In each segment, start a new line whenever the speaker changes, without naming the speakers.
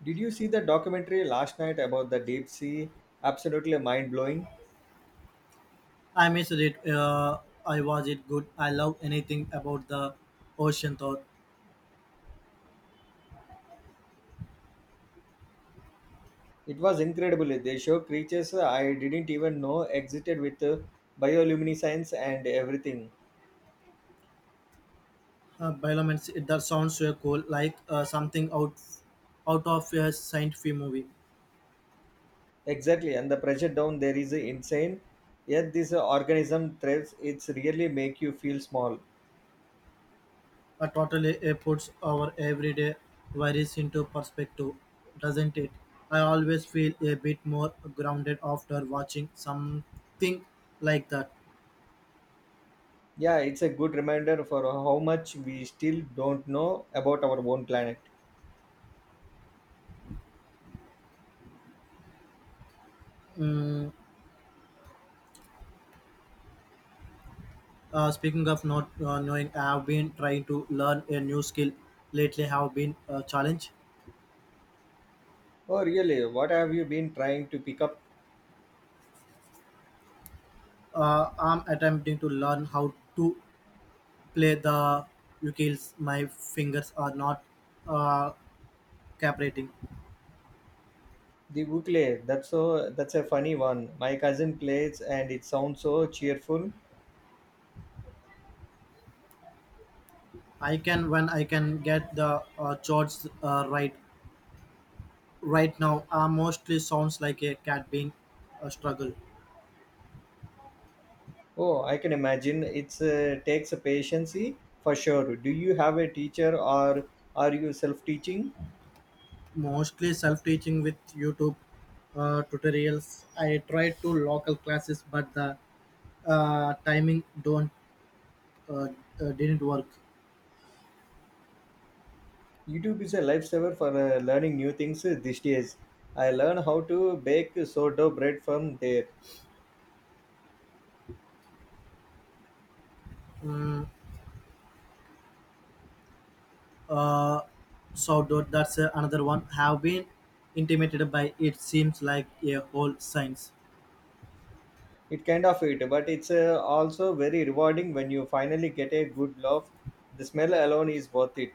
Did you see the documentary last night about the deep sea? Absolutely mind blowing.
I missed it. I was it good. I love anything about the ocean thought.
It was incredible. They show creatures I didn't even know existed with bioluminescence and everything.
Biolomance, it that sounds so cool, like something out of a science fiction movie.
Exactly, and the pressure down there is insane. Yet this organism thrives. It's really make you feel small.
Totally, puts our everyday worries into perspective, doesn't it? I always feel a bit more grounded after watching something like that.
Yeah, it's a good reminder for how much we still don't know about our own planet.
Mm, Speaking of not knowing, I have been trying to learn a new skill lately. Have been a challenge.
Oh, really? What have you been trying to pick up?
I'm attempting to learn how to play the ukuleles. My fingers are not uh, cooperating.
The ukulele, that's a funny one. My cousin plays and it sounds so cheerful.
I can when I can get the chords right. Right now, mostly sounds like a cat being a struggle.
Oh, I can imagine. It's takes a patience for sure. Do you have a teacher or are you self-teaching?
Mostly self-teaching with YouTube tutorials. I tried to local classes, but the timing don't uh, didn't work.
YouTube is a lifesaver for learning new things these days. I learn how to bake sourdough bread from there.
Mm, uh, Outdoor. That's another one. Have been intimidated by it. Seems like a whole science.
It kind of it, but it's also very rewarding when you finally get a good loaf. The smell alone is worth it.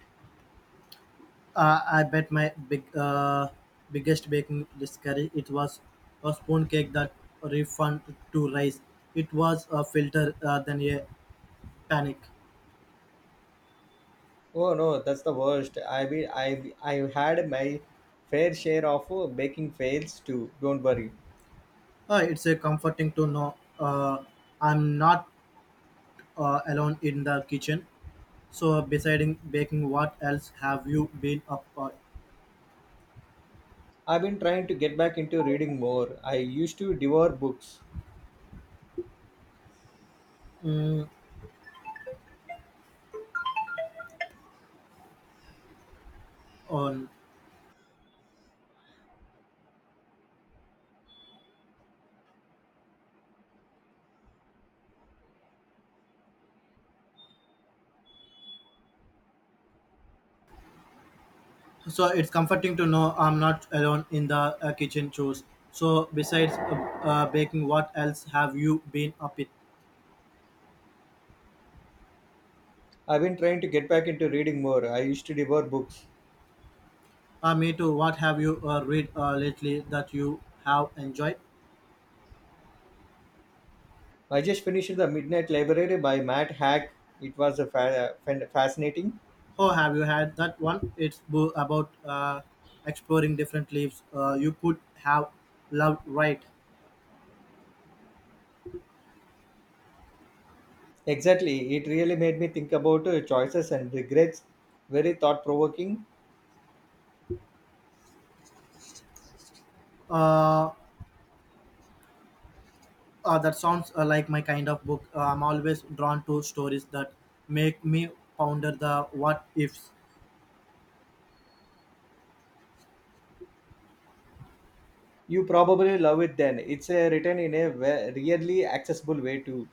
I bet my biggest baking discovery it was a spoon cake that refund to rice. It was a filter than a panic.
Oh no, that's the worst. I had my fair share of baking fails too. Don't worry.
It's a comforting to know I'm not alone in the kitchen. So, besides baking, what else have you been up
I've been trying to get back into reading more. I used to devour books.
mm, on? So it's comforting to know I'm not alone in the kitchen chores. So besides baking, what else have you been up it
I've been trying to get back into reading more. I used to devour books.
uh, me too. What have you read lately that you have enjoyed,
I just finished The Midnight Library by Matt Hack. It was a fascinating.
or have you had that one? It's about exploring different leaves you could have loved, right?
Exactly. It really made me think about choices and regrets. Very thought provoking.
uh, that sounds like my kind of book. I'm always drawn to stories that make me ponder the what ifs.
You probably love it then. It's written in a really accessible way too.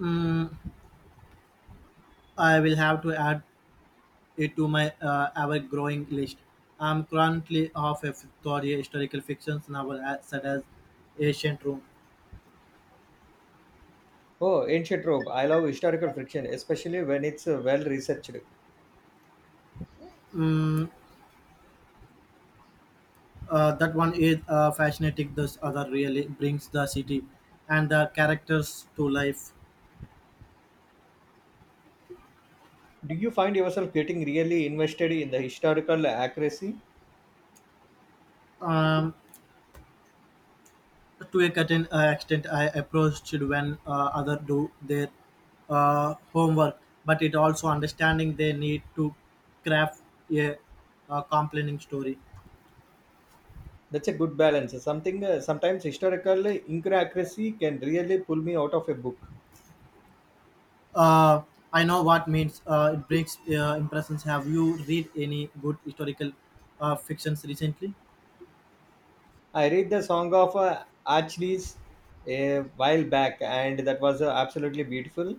Mm, I will have to add it to my ever-growing list. I'm currently half a Victoria historical fiction novel as, such as Ancient Rome.
Oh, ancient Rome. I love historical fiction, especially when it's well researched.
Mm, that one is fascinating. This other really brings the city and the characters to life.
Do you find yourself getting really invested in the historical accuracy?
Um, to a certain extent, I approached it when other do their homework, but it also understanding they need to craft a, a compelling story.
That's a good balance. Something Sometimes historical inaccuracy can really pull me out of a book.
Uh, I know what means. It breaks impressions. Have you read any good historical fictions recently?
I read the Song of Achilles a while back, and that was absolutely beautiful.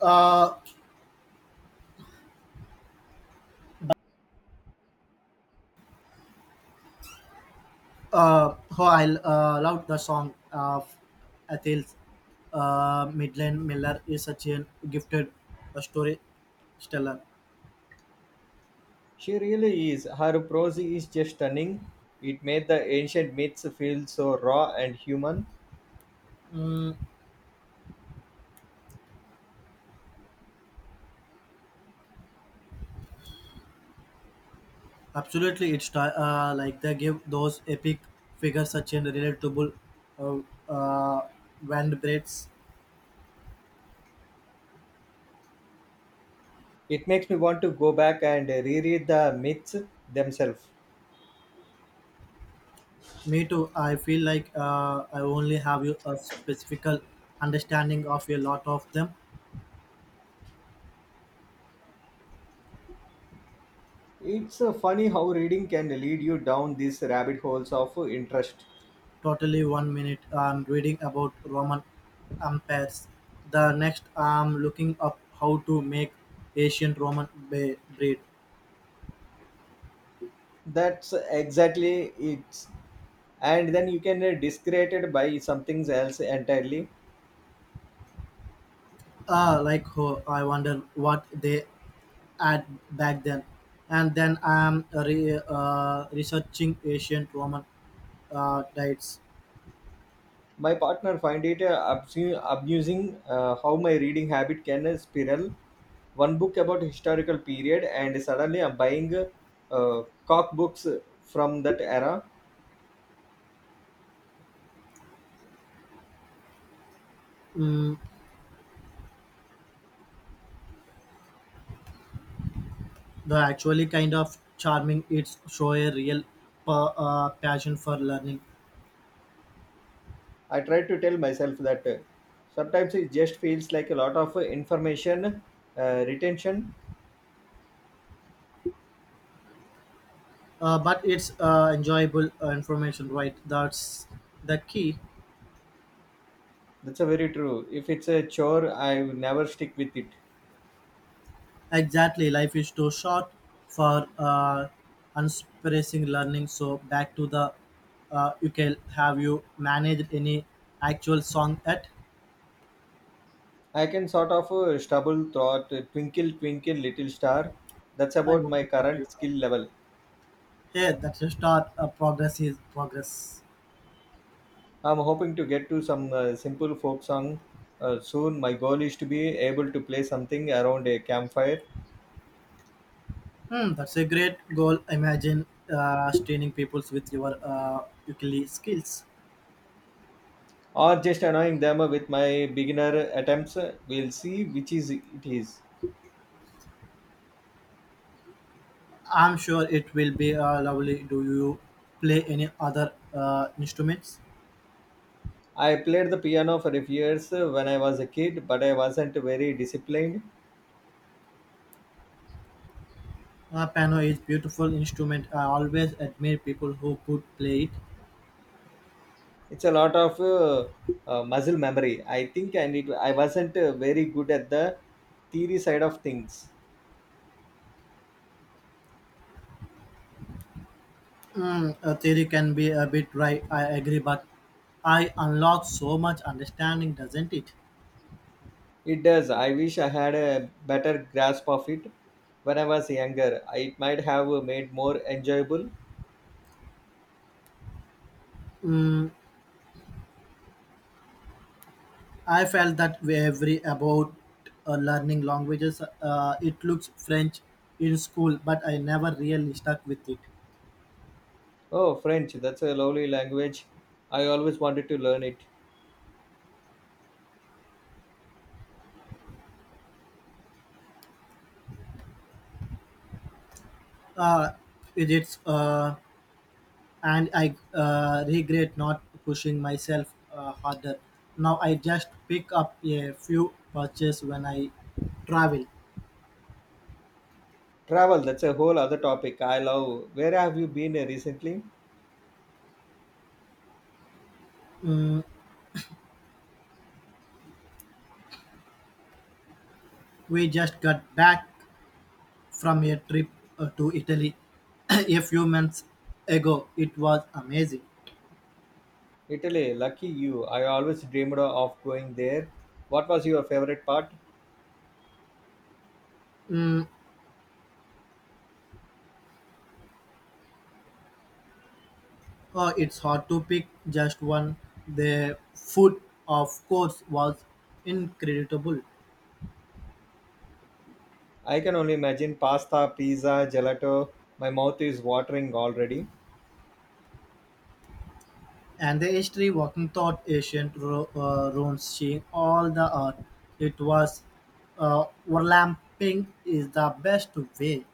Uh, oh, I love the song of Athens. Midland Miller is such a gifted storyteller.
She really is. Her prose is just stunning. It made the ancient myths feel so raw and human.
Absolutely, it's like they give those epic figures such a relatable uh, uh, Van breaks.
It makes me want to go back and reread the myths themselves.
Me too. I feel like I only have you a specific understanding of a lot of them.
It's funny how reading can lead you down these rabbit holes of interest.
Totally, one minute I'm reading about Roman empires. The next I'm looking up how to make ancient Roman bread.
That's exactly it. And then you can discredited by something else entirely.
Like her, I wonder what they had back then. And then I'm researching ancient Roman diets.
My partner find it amusing how my reading habit can spiral. One book about historical period and suddenly I'm buying cock books from that era.
Mm, The actually kind of charming. It's show a real passion for learning.
I try to tell myself that sometimes it just feels like a lot of information retention.
But it's enjoyable information, right? That's the key.
That's a very true. If it's a chore, I will never stick with it.
Exactly, life is too short for unsurprising learning. So back to the you can, have you managed any actual song at?
I can sort of stumble throughout Twinkle Twinkle Little Star. That's
I
about my
wonder what you.
current skill level.
Yeah, that's a start. Progress is progress.
I'm hoping to get to some simple folk song soon. My goal is to be able to play something around a campfire,
Hmm, that's a great goal. Imagine training people with your ukulele skills.
or just annoying them with my beginner attempts. We'll see which is it is.
I'm sure it will be lovely. Do you play any other instruments?
I played the piano for a few years when I was a kid, but I wasn't very disciplined.
Piano is beautiful instrument. I always admire people who could play it.
It's a lot of muscle memory, I think, and it, I wasn't very good at the theory side of things.
Hmm, theory can be a bit dry. I agree, but I unlock so much understanding, doesn't it?
It does. I wish I had a better grasp of it when I was younger. It might have made more enjoyable.
Hmm, I felt that way every about learning languages. It looks French in school, but I never really stuck with it.
Oh, French, that's a lovely language. I always wanted to learn it.
Uh, with it's and I regret not pushing myself harder. Now I just pick up a few purchases when I travel.
Travel, that's a whole other topic I love. Where have you been recently?
Mm, we just got back from a trip to Italy a few months ago. It was amazing.
Italy, lucky you. I always dreamed of going there. What was your favorite part?
Mm, it's hard to pick just one. The food, of course, was incredible,
I can only imagine pasta, pizza, gelato. My mouth is watering already.
and the history, walking thought, ancient ruins, seeing all the art. It was overlapping is the best way.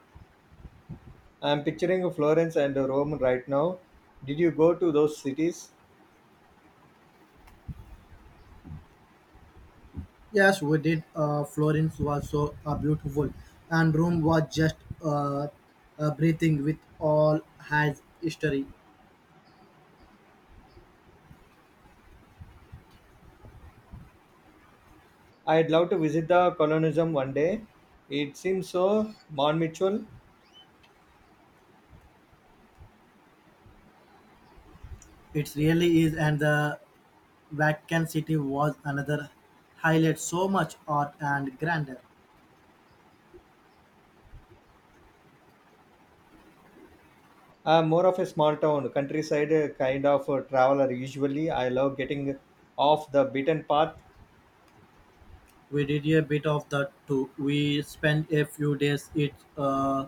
I am picturing Florence and Rome right now. Did you go to those cities?
Yes, we did. Florence was so beautiful, and Rome was just uh, breathing with all has history.
I'd love to visit the colonialism one day. It seems so non-mutual.
It really is, and the Vatican City was another highlight, so much art and grandeur.
I'm more of a small town, countryside kind of traveler. Usually, I love getting off the beaten path.
We did a bit of that too. We spent a few days in uh,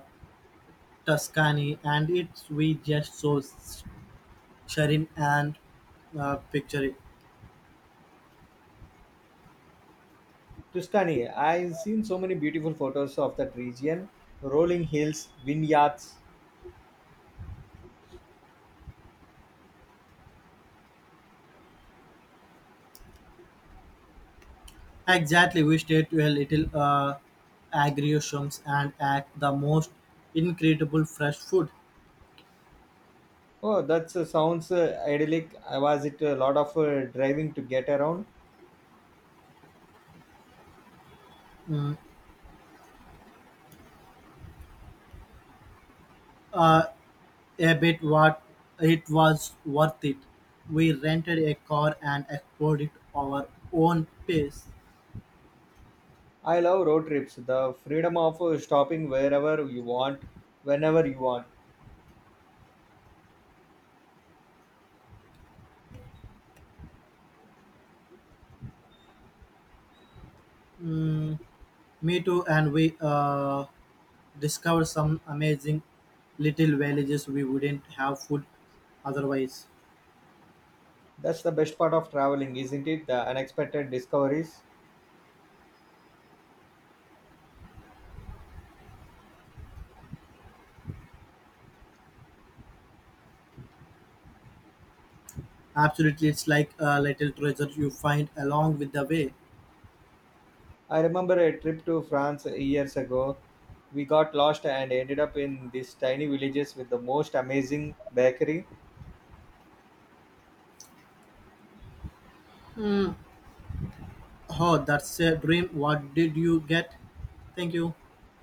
Tuscany, and it's we just so serene and picturesque.
Tuscany, I've seen so many beautiful photos of that region. Rolling hills, vineyards.
Exactly, we stayed to a little agrariums and at the most incredible fresh food.
Oh, that sounds idyllic. Was it a lot of driving to get around?
Uh, A bit. What it was worth it. We rented a car and explored it our own pace.
I love road trips. The freedom of stopping wherever you want, whenever you want.
Mm, Me too, and we discovered some amazing little villages we wouldn't have food otherwise.
That's the best part of traveling, isn't it? The unexpected discoveries.
Absolutely, it's like a little treasure you find along with the way.
I remember a trip to France years ago. We got lost and ended up in these tiny villages with the most amazing bakery
Oh, that's a dream. What did you get? Thank you.